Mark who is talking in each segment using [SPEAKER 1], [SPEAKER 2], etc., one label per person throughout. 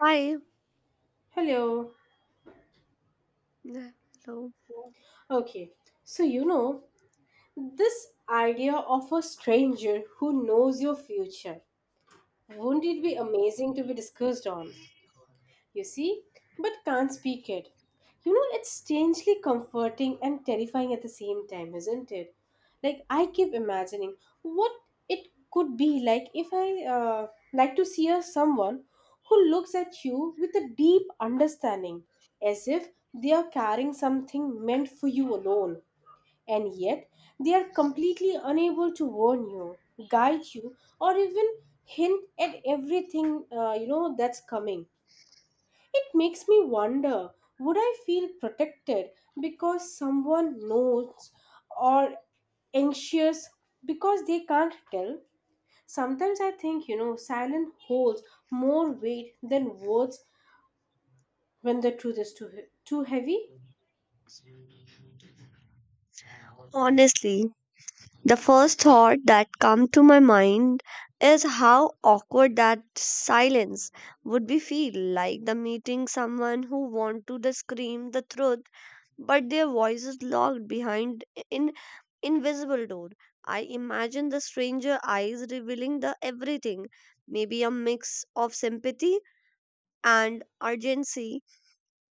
[SPEAKER 1] Hi.
[SPEAKER 2] Hello.
[SPEAKER 1] Yeah, hello.
[SPEAKER 2] Okay. So, you know, this idea of a stranger who knows your future, wouldn't it be amazing to be discussed on? You see, but can't speak it. It's strangely comforting and terrifying at the same time, isn't it? Like, I keep imagining what it could be like if I like to see a someone who looks at you with a deep understanding, as if they are carrying something meant for you alone. And yet, they are completely unable to warn you, guide you, or even hint at everything that's coming. It makes me wonder, would I feel protected because someone knows, or anxious because they can't tell? Sometimes I think, silence holds more weight than words when the truth is too heavy.
[SPEAKER 1] Honestly, the first thought that come to my mind is how awkward that silence would be feel like the meeting someone who want to the scream the truth but their voice is locked behind in invisible door. I imagine the stranger eyes revealing the everything, maybe a mix of sympathy and urgency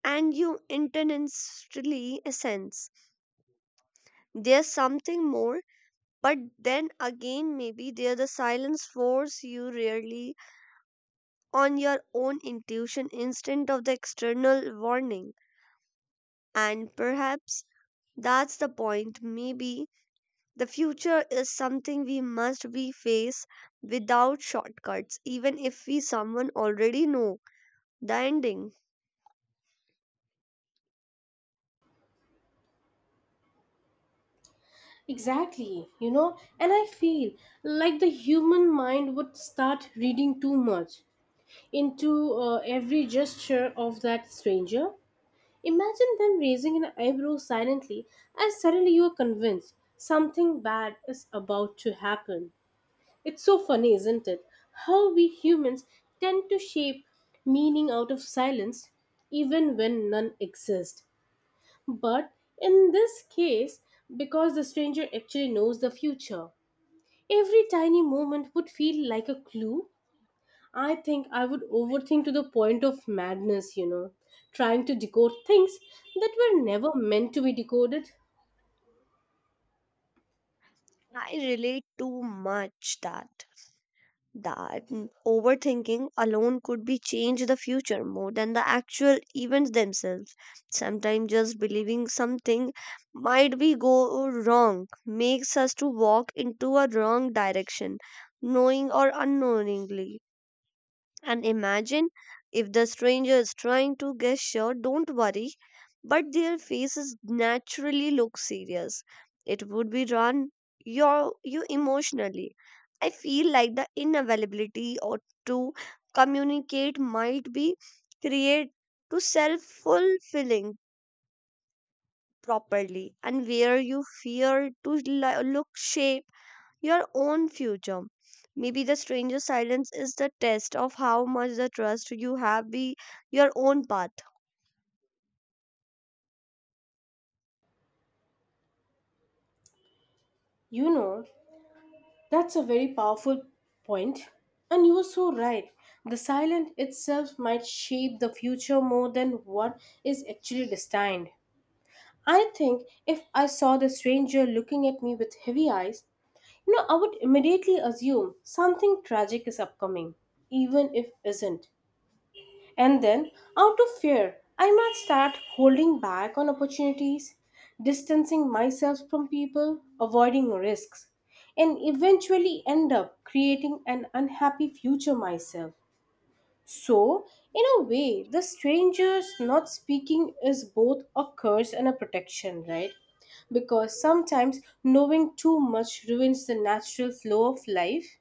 [SPEAKER 1] and you intentionally sense there's something more. But then again, maybe there the silence force you rarely on your own intuition instead of the external warning. And perhaps that's the point. Maybe the future is something we must be face without shortcuts, even if we someone already know the ending.
[SPEAKER 2] Exactly, and I feel like the human mind would start reading too much into every gesture of that stranger. Imagine them raising an eyebrow silently, and suddenly you are convinced something bad is about to happen. It's so funny, isn't it? How we humans tend to shape meaning out of silence, even when none exist. But in this case, because the stranger actually knows the future. Every tiny movement would feel like a clue. I think I would overthink to the point of madness, trying to decode things that were never meant to be decoded.
[SPEAKER 1] I relate too much that. That overthinking alone could be change the future more than the actual events themselves. Sometimes just believing something might be go wrong makes us to walk into a wrong direction knowing or unknowingly, and imagine if the stranger is trying to guess your don't worry, but their faces naturally look serious. It would be run your you emotionally. I feel like the inavailability or to communicate might be create to self fulfilling properly and where you fear to look shape your own future. Maybe the stranger's silence is the test of how much the trust you have be your own path.
[SPEAKER 2] You know, that's a very powerful point. And you are so right. The silent itself might shape the future more than what is actually destined. I think if I saw the stranger looking at me with heavy eyes, no, I would immediately assume something tragic is upcoming, even if isn't. And then, out of fear, I might start holding back on opportunities, distancing myself from people, avoiding risks, and eventually end up creating an unhappy future myself. So, in a way, the strangers not speaking is both a curse and a protection, right? Because sometimes knowing too much ruins the natural flow of life.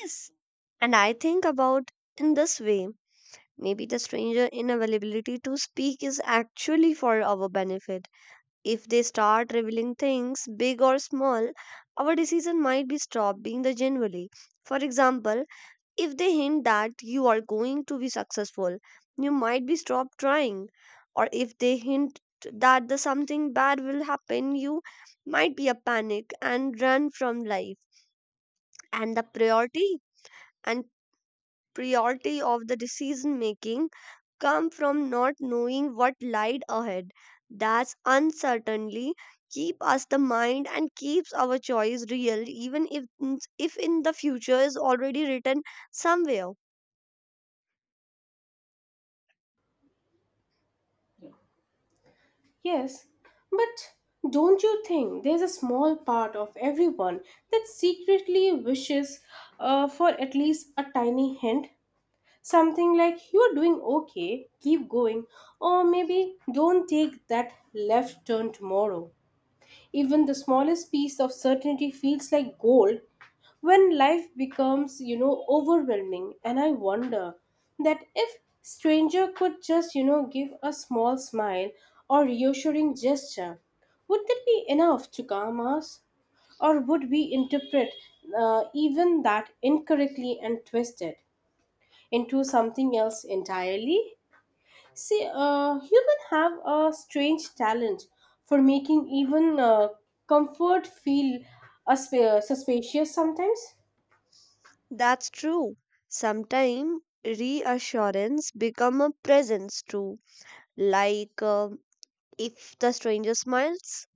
[SPEAKER 1] Yes. And I think about in this way. Maybe the stranger inavailability to speak is actually for our benefit. If they start revealing things, big or small, our decision might be stopped being the genuinely. For example, if they hint that you are going to be successful, you might be stopped trying. Or if they hint that the something bad will happen, you might be a panic and run from life. And the priority and priority of the decision making come from not knowing what lied ahead. That's uncertainty keep us the mind and keeps our choice real even if in the future is already written somewhere.
[SPEAKER 2] Yes, but don't you think there's a small part of everyone that secretly wishes for at least a tiny hint? Something like, you're doing okay, keep going, or maybe don't take that left turn tomorrow. Even the smallest piece of certainty feels like gold when life becomes, overwhelming, and I wonder that if stranger could just, give a small smile or reassuring gesture, would that be enough to calm us, or would we interpret even that incorrectly and twist it into something else entirely? See, humans have a strange talent for making even comfort feel suspicious sometimes.
[SPEAKER 1] That's true. Sometimes reassurance become a presence too. Like if the stranger smiles,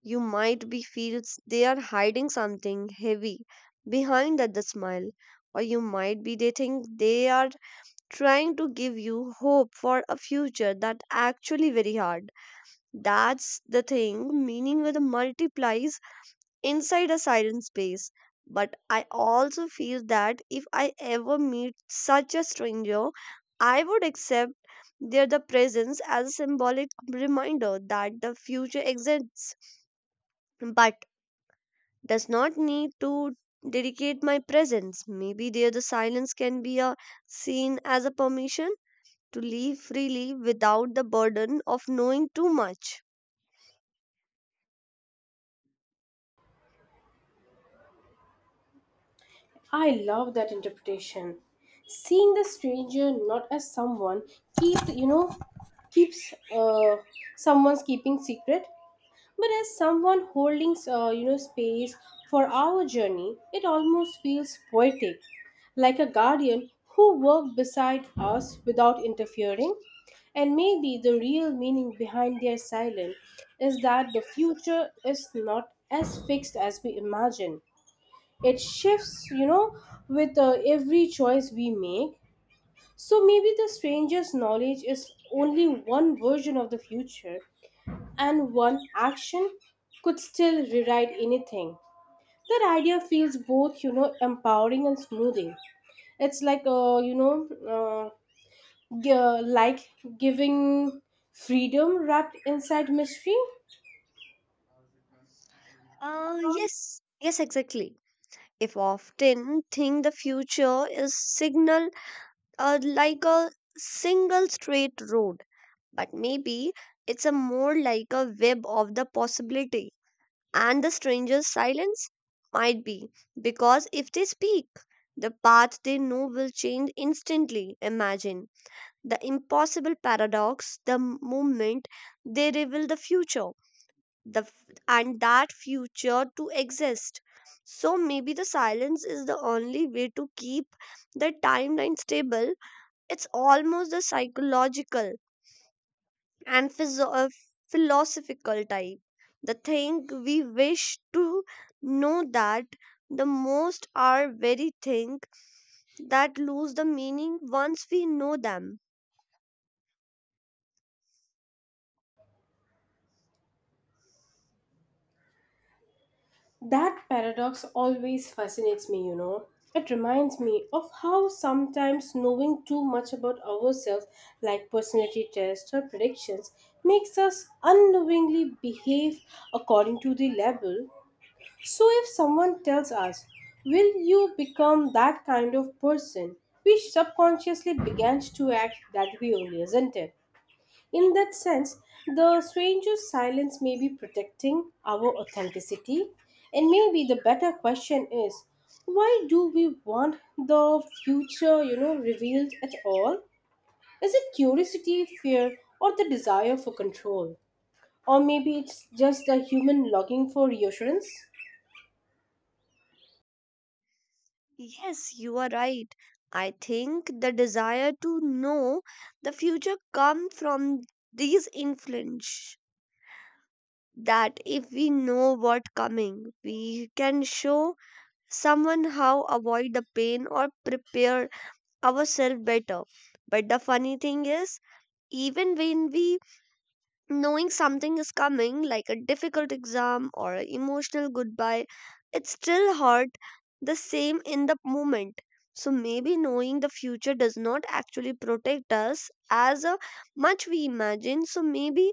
[SPEAKER 1] you might be feels they are hiding something heavy behind that the smile, or you might be they think they are trying to give you hope for a future that actually very hard. That's the thing. Meaning with multiplies inside a silent space. But I also feel that if I ever meet such a stranger, I would accept their the presence as a symbolic reminder that the future exists, but does not need to dedicate my presence. Maybe there the silence can be a, seen as a permission to live freely without the burden of knowing too much.
[SPEAKER 2] I love that interpretation. Seeing the stranger not as someone keeps, you know, keeps someone's keeping secret, but as someone holding, space for our journey, it almost feels poetic, like a guardian who worked beside us without interfering. And maybe the real meaning behind their silence is that the future is not as fixed as we imagine. It shifts, with every choice we make. So maybe the stranger's knowledge is only one version of the future, and one action could still rewrite anything. That idea feels both, empowering and smoothing. It's like, like giving freedom wrapped inside mystery.
[SPEAKER 1] Yes, exactly. If often think the future is signal like a single straight road, but maybe it's a more like a web of the possibility, and the stranger's silence might be because if they speak the path they know will change instantly. Imagine the impossible paradox, the moment they reveal the future the and that future to exist. So maybe the silence is the only way to keep the timeline stable. It's almost the psychological and philosophical type, the thing we wish to know that the most are very thing that lose the meaning once we know them.
[SPEAKER 2] That paradox always fascinates me, It reminds me of how sometimes knowing too much about ourselves, like personality tests or predictions, makes us unknowingly behave according to the label. So, if someone tells us, will you become that kind of person? We subconsciously began to act that way only, isn't it? In that sense, the stranger's silence may be protecting our authenticity, and maybe the better question is, why do we want the future, revealed at all? Is it curiosity, fear, or the desire for control? Or maybe it's just a human longing for reassurance?
[SPEAKER 1] Yes, you are right. I think the desire to know the future comes from these influence that if we know what coming, we can show someone how avoid the pain or prepare ourselves better. But the funny thing is, even when we knowing something is coming, like a difficult exam or an emotional goodbye, it still hurt the same in the moment. So maybe knowing the future does not actually protect us as much we imagine. So maybe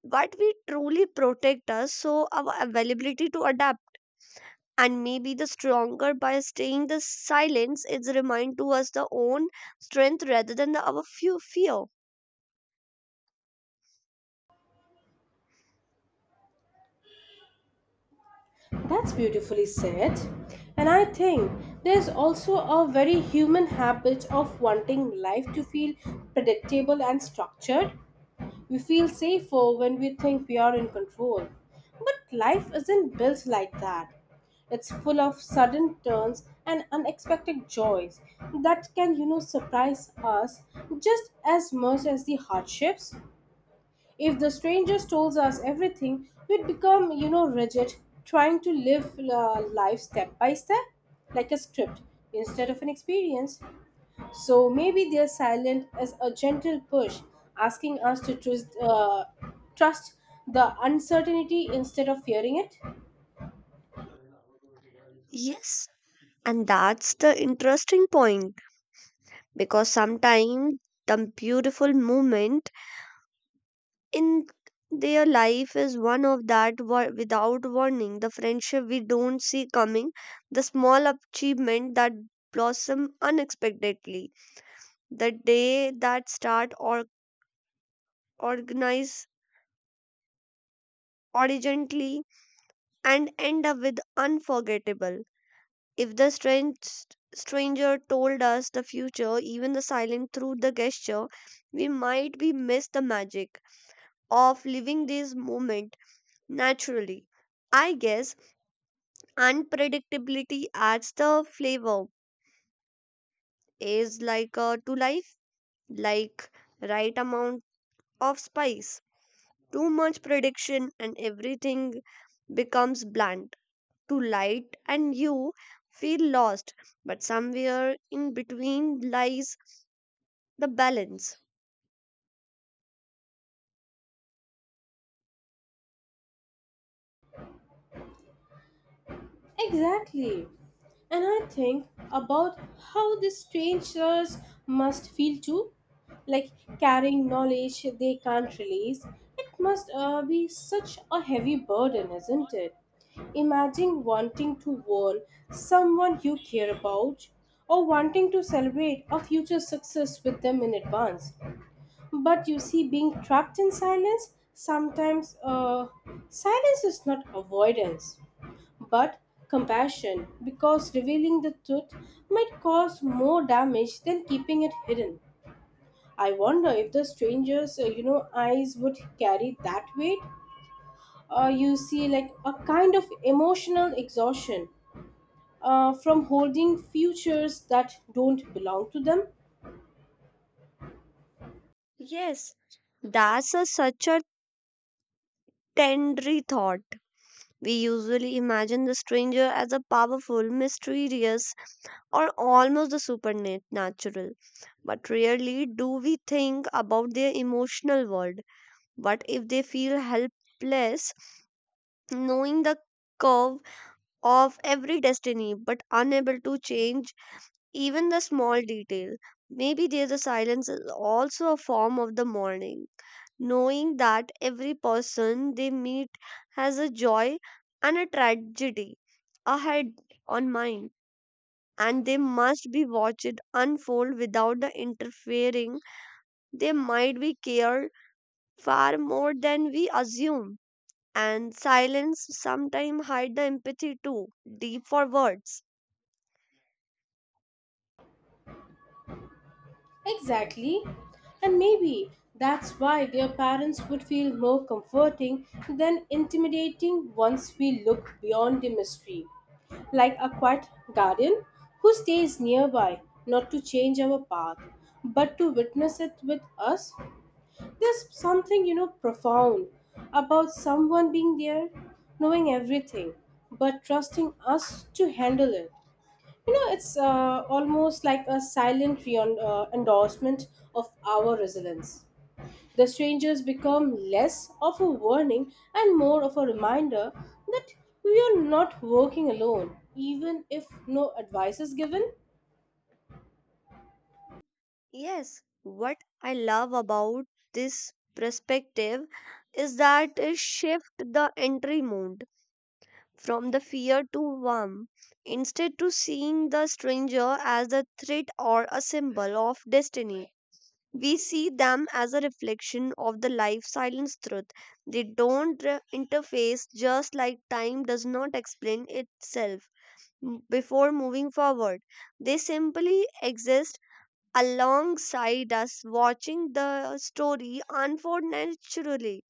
[SPEAKER 1] what we truly protect us, so our availability to adapt. And maybe the stronger by staying the silence is remind to us the own strength rather than the, our few fear.
[SPEAKER 2] That's beautifully said. And I think there's also a very human habit of wanting life to feel predictable and structured. We feel safer when we think we are in control. But life isn't built like that. It's full of sudden turns and unexpected joys that can, surprise us just as much as the hardships. If the stranger tells us everything, we'd become, rigid, trying to live life step by step, like a script instead of an experience. So maybe their silence is a gentle push, asking us to trust the uncertainty instead of fearing it.
[SPEAKER 1] Yes, and that's the interesting point because sometimes the beautiful moment in their life is one of that without warning, the friendship we don't see coming, the small achievement that blossom unexpectedly, the day that start or organize urgently and end up with unforgettable. If the stranger told us the future even the silent through the gesture, we might be miss the magic of living this moment naturally. I guess unpredictability adds the flavor, is like to life, like right amount of spice. Too much prediction and everything becomes bland. Too light and you feel lost. But somewhere in between lies the balance.
[SPEAKER 2] Exactly. And I think about how the strangers must feel too, like carrying knowledge they can't release. It must be such a heavy burden, isn't it? Imagine wanting to warn someone you care about, or wanting to celebrate a future success with them in advance. But you see, being trapped in silence, sometimes silence is not avoidance but compassion, because revealing the truth might cause more damage than keeping it hidden. I wonder if the stranger's, eyes would carry that weight. You see, like a kind of emotional exhaustion from holding futures that don't belong to them.
[SPEAKER 1] Yes, that's a, such a tender thought. We usually imagine the stranger as a powerful, mysterious, or almost the supernatural. But rarely do we think about their emotional world. What if they feel helpless, knowing the curve of every destiny, but unable to change even the small detail? Maybe there's a silence is also a form of the mourning, knowing that every person they meet has a joy and a tragedy ahead on mind, and they must be watched unfold without the interfering. They might be cared far more than we assume, and silence sometimes hide the empathy too deep for words.
[SPEAKER 2] Exactly. And maybe that's why their parents would feel more comforting than intimidating once we look beyond the mystery. Like a quiet guardian who stays nearby, not to change our path but to witness it with us. There's something, profound about someone being there, knowing everything but trusting us to handle it. It's almost like a silent endorsement of our resilience. The strangers become less of a warning and more of a reminder that we are not working alone, even if no advice is given.
[SPEAKER 1] Yes, what I love about this perspective is that it shift the entry mode from the fear to warmth, instead to seeing the stranger as a threat or a symbol of destiny. We see them as a reflection of the life silence truth. They don't interface just like time does not explain itself before moving forward. They simply exist alongside us watching the story unfold naturally.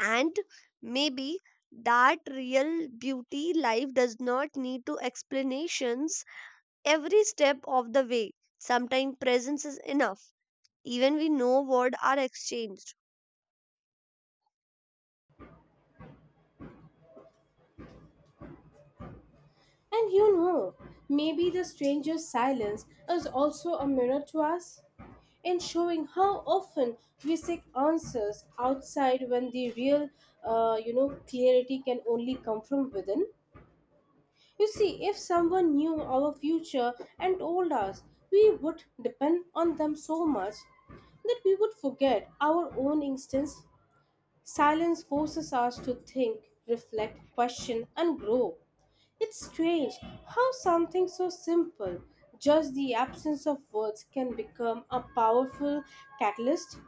[SPEAKER 1] And maybe that real beauty life does not need to explanations every step of the way. Sometimes presence is enough. Even we know words are exchanged.
[SPEAKER 2] And maybe the stranger's silence is also a mirror to us, in showing how often we seek answers outside when the real, clarity can only come from within. You see, if someone knew our future and told us, we would depend on them so much that we would forget our own instincts. Silence forces us to think, reflect, question, and grow. It's strange how something so simple, just the absence of words, can become a powerful catalyst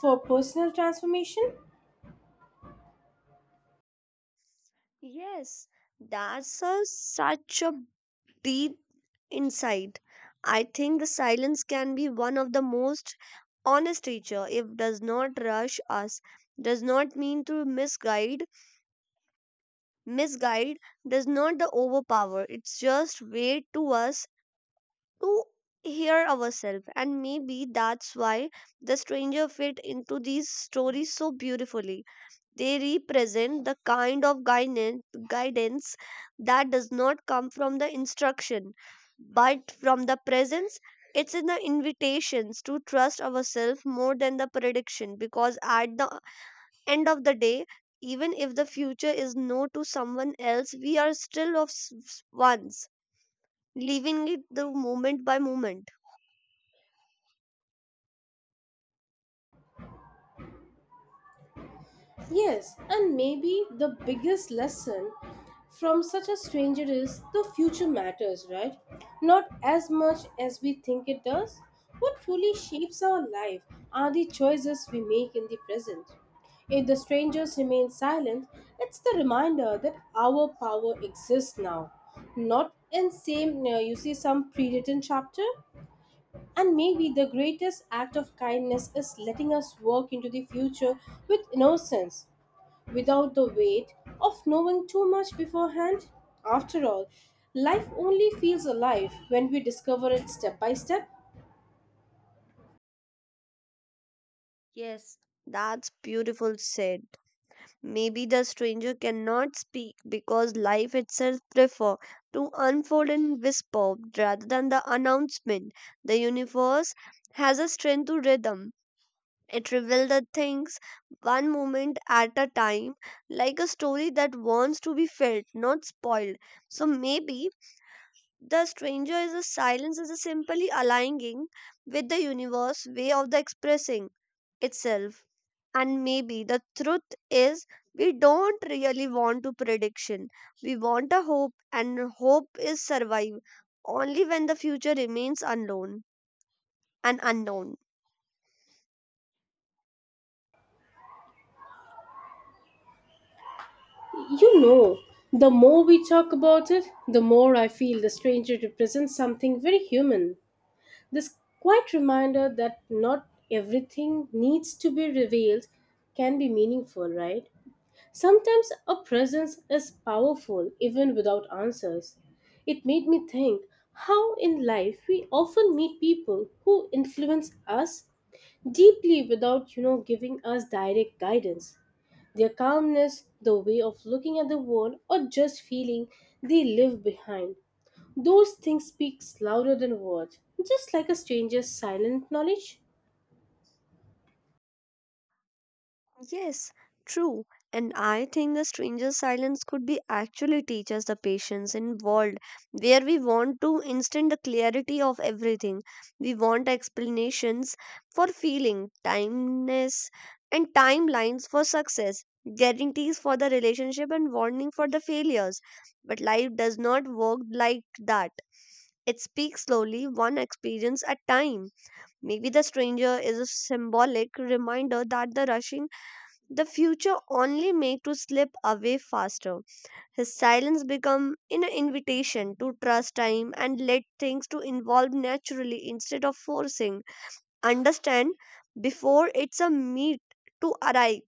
[SPEAKER 2] for personal transformation.
[SPEAKER 1] Yes, that's a, such a deep insight. I think the silence can be one of the most honest teacher. If does not rush us, does not mean to misguide, does not the overpower. It's just way to us to hear ourselves, and maybe that's why the stranger fit into these stories so beautifully. They represent the kind of guidance that does not come from the instruction but from the presence. It's in the invitations to trust ourselves more than the prediction, because at the end of the day, even if the future is no to someone else, we are still of ones living it the moment by moment.
[SPEAKER 2] Yes, and maybe the biggest lesson from such a stranger is the future matters, right? Not as much as we think it does. What truly shapes our life are the choices we make in the present. If the strangers remain silent, it's the reminder that our power exists now, not in same you see some pre-written chapter. And maybe the greatest act of kindness is letting us walk into the future with innocence, without the weight of knowing too much beforehand? After all, life only feels alive when we discover it step by step.
[SPEAKER 1] That's beautiful said. Maybe the stranger cannot speak because life itself prefer to unfold in whisper rather than the announcement. The universe has a strength to rhythm. It reveals the things one moment at a time, like a story that wants to be felt not spoiled. So maybe the stranger is a silence is a simply aligning with the universe way of the expressing itself. And maybe the truth is we don't really want to prediction. We want a hope and hope is survive only when the future remains unknown and unknown.
[SPEAKER 2] You know, the more we talk about it, the more I feel the stranger represents something very human. This quiet reminder that not everything needs to be revealed can be meaningful, right? Sometimes a presence is powerful even without answers. It made me think how in life we often meet people who influence us deeply without, giving us direct guidance. Their calmness, the way of looking at the world, or just feeling they live behind. Those things speaks louder than words, just like a stranger's silent knowledge.
[SPEAKER 1] Yes, true. And I think a stranger's silence could be actually teach us the patience involved, where we want to instant the clarity of everything. We want explanations for feeling, timeness, and timelines for success, guarantees for the relationship, and warning for the failures. But life does not work like that. It speaks slowly, one experience at time. Maybe the stranger is a symbolic reminder that the rushing the future only made to slip away faster. His silence become an invitation to trust time and let things to evolve naturally instead of forcing. Understand before it's a meet to arrive.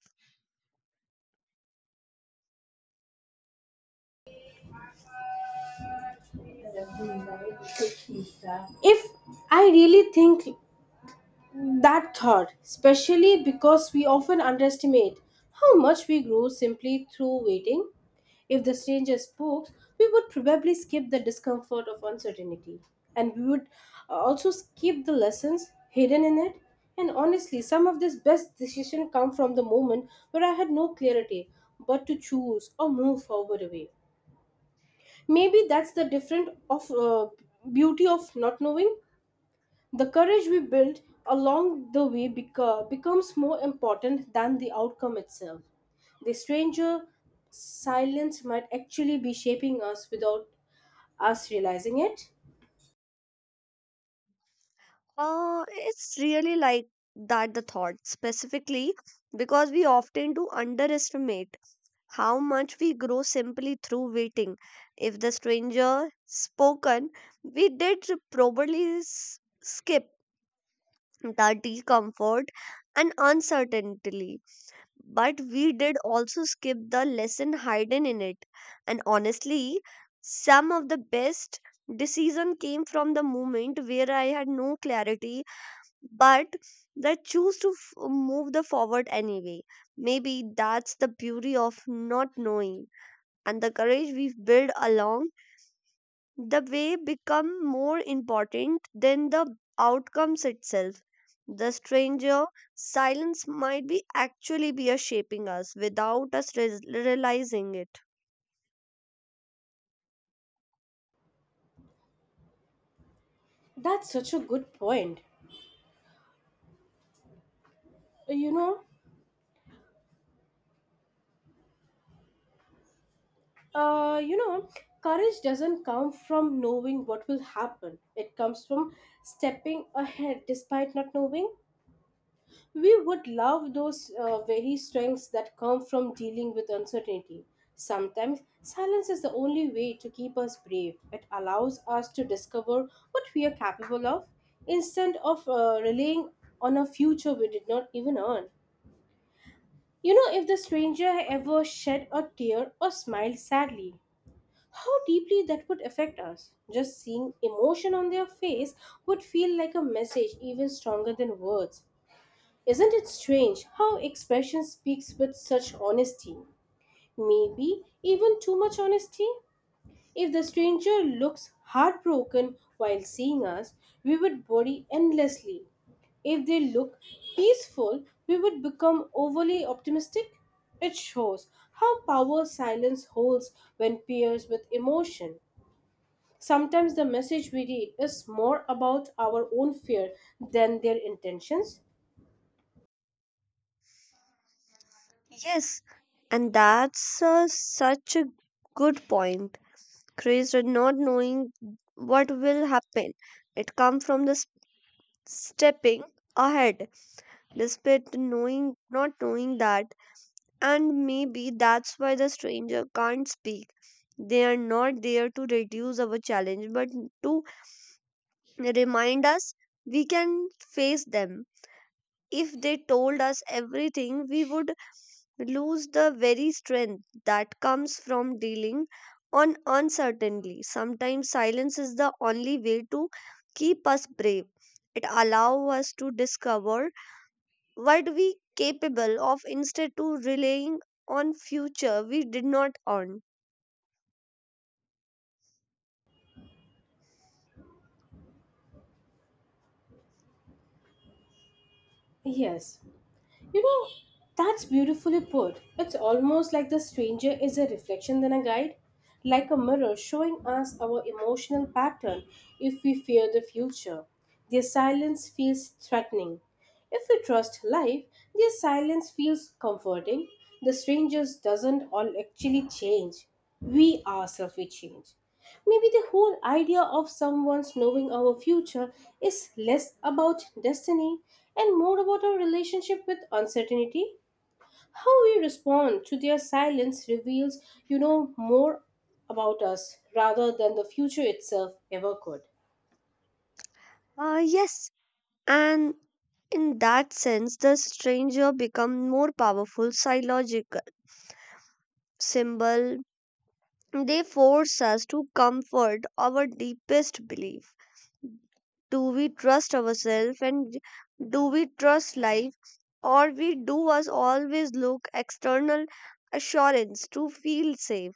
[SPEAKER 2] If I really think that thought, especially because we often underestimate how much we grow simply through waiting. If the stranger spoke, we would probably skip the discomfort of uncertainty, and we would also skip the lessons hidden in it. And honestly, some of this best decision come from the moment where I had no clarity but to choose or move forward away. Maybe that's the different of beauty of not knowing. The courage we build along the way becomes more important than the outcome itself. The stranger silence might actually be shaping us without us realizing it.
[SPEAKER 1] It's really like that the thought specifically because we often do underestimate how much we grow simply through waiting. If the stranger spoken, we did probably skip that discomfort and uncertainty. But we did also skip the lesson hidden in it. And honestly, some of the best decision came from the moment where I had no clarity, but that choose to move the forward anyway. Maybe that's the beauty of not knowing, and the courage we've built along the way become more important than the outcomes itself. The stranger silence might be actually be a shaping us without us realizing it.
[SPEAKER 2] That's such a good point. Uh, You know, uh, you know, courage doesn't come from knowing what will happen. It comes from stepping ahead despite not knowing. We would love those very strengths that come from dealing with uncertainty. Sometimes silence is the only way to keep us brave. It allows us to discover what we are capable of instead of relying on a future we did not even earn. If the stranger ever shed a tear or smiled sadly, how deeply that would affect us. Just seeing emotion on their face would feel like a message even stronger than words. Isn't it strange how expression speaks with such honesty? Maybe even too much honesty? If the stranger looks heartbroken while seeing us, we would worry endlessly. If they look peaceful, we would become overly optimistic. It shows how power silence holds when pairs with emotion. Sometimes the message we read is more about our own fear than their intentions.
[SPEAKER 1] Yes, and that's such a good point. Craze or not knowing what will happen, it comes from the stepping ahead despite knowing not knowing that. And maybe that's why the stranger can't speak. They are not there to reduce our challenge, but to remind us we can face them. If they told us everything, we would lose the very strength that comes from dealing on uncertainty. Sometimes silence is the only way to keep us brave. It allows us to discover what we capable of instead to relying on future we did not earn.
[SPEAKER 2] Yes, You know, that's beautifully put. It's almost like the stranger is a reflection than a guide, like a mirror showing us our emotional pattern if we fear the future. Their silence feels threatening. If we trust life, their silence feels comforting. The strangers doesn't all actually change, we ourselves we change. Maybe the whole idea of someone's knowing our future is less about destiny and more about our relationship with uncertainty. How we respond to their silence reveals, more about us rather than the future itself ever could.
[SPEAKER 1] Yes, and in that sense the stranger become more powerful psychological symbol. They force us to comfort our deepest belief. Do we trust ourselves and do we trust life, or we do us always look external assurance to feel safe?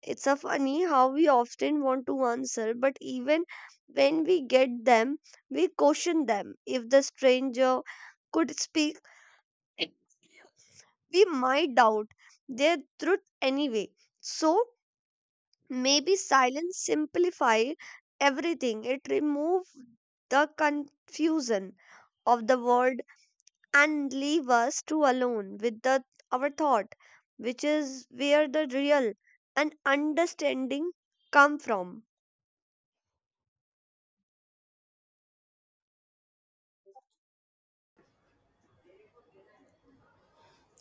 [SPEAKER 1] It's a funny how we often want to answer, but even when we get them, we caution them. If the stranger could speak, we might doubt their truth anyway. So maybe silence simplify everything. It remove the confusion of the world and leave us to alone with the, our thought, which is where the real and understanding come from.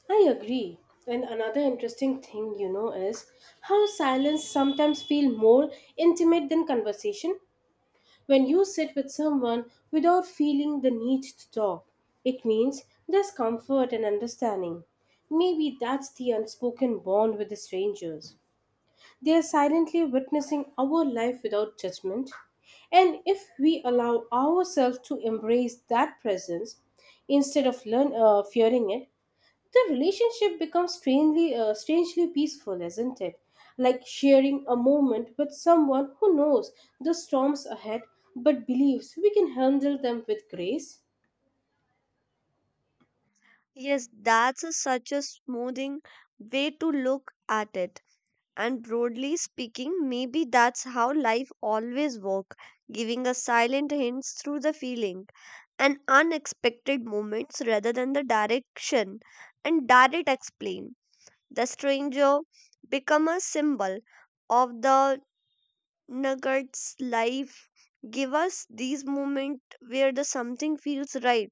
[SPEAKER 2] I agree. And another interesting thing, is how silence sometimes feel more intimate than conversation. When you sit with someone without feeling the need to talk, it means there's comfort and understanding. Maybe that's the unspoken bond with the strangers. They are silently witnessing our life without judgment. And if we allow ourselves to embrace that presence instead of fearing it, the relationship becomes strangely peaceful, isn't it? Like sharing a moment with someone who knows the storms ahead but believes we can handle them with grace.
[SPEAKER 1] Yes, that's a, such a smoothing way to look at it. And broadly speaking, maybe that's how life always works, giving us silent hints through the feeling and unexpected moments rather than the direction and direct explain. The stranger become a symbol of the nuggets life give us these moments where the something feels right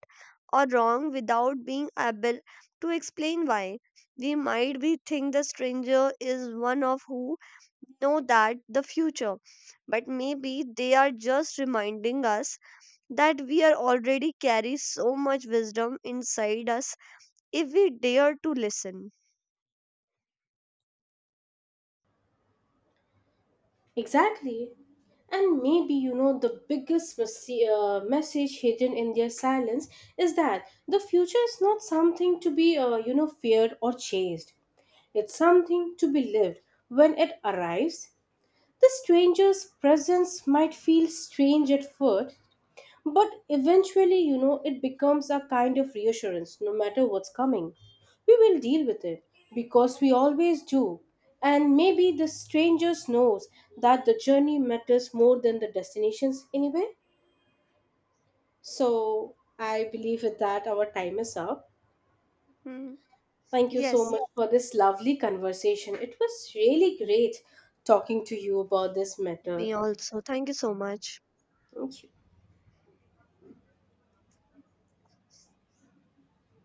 [SPEAKER 1] or wrong without being able to explain why. We might be think the stranger is one of who know that the future, but maybe they are just reminding us that we are already carry so much wisdom inside us if we dare to listen.
[SPEAKER 2] Exactly. And maybe the biggest message hidden in their silence is that the future is not something to be feared or chased, it's something to be lived when it arrives. The stranger's presence might feel strange at first, but eventually, it becomes a kind of reassurance. No matter what's coming, we will deal with it because we always do. And maybe the stranger knows that the journey matters more than the destinations anyway. So I believe with that our time is up.
[SPEAKER 1] Hmm.
[SPEAKER 2] Thank you so
[SPEAKER 1] Yes,
[SPEAKER 2] much for this lovely conversation. It was really great talking to you about this
[SPEAKER 1] me
[SPEAKER 2] matter.
[SPEAKER 1] also thank you so much.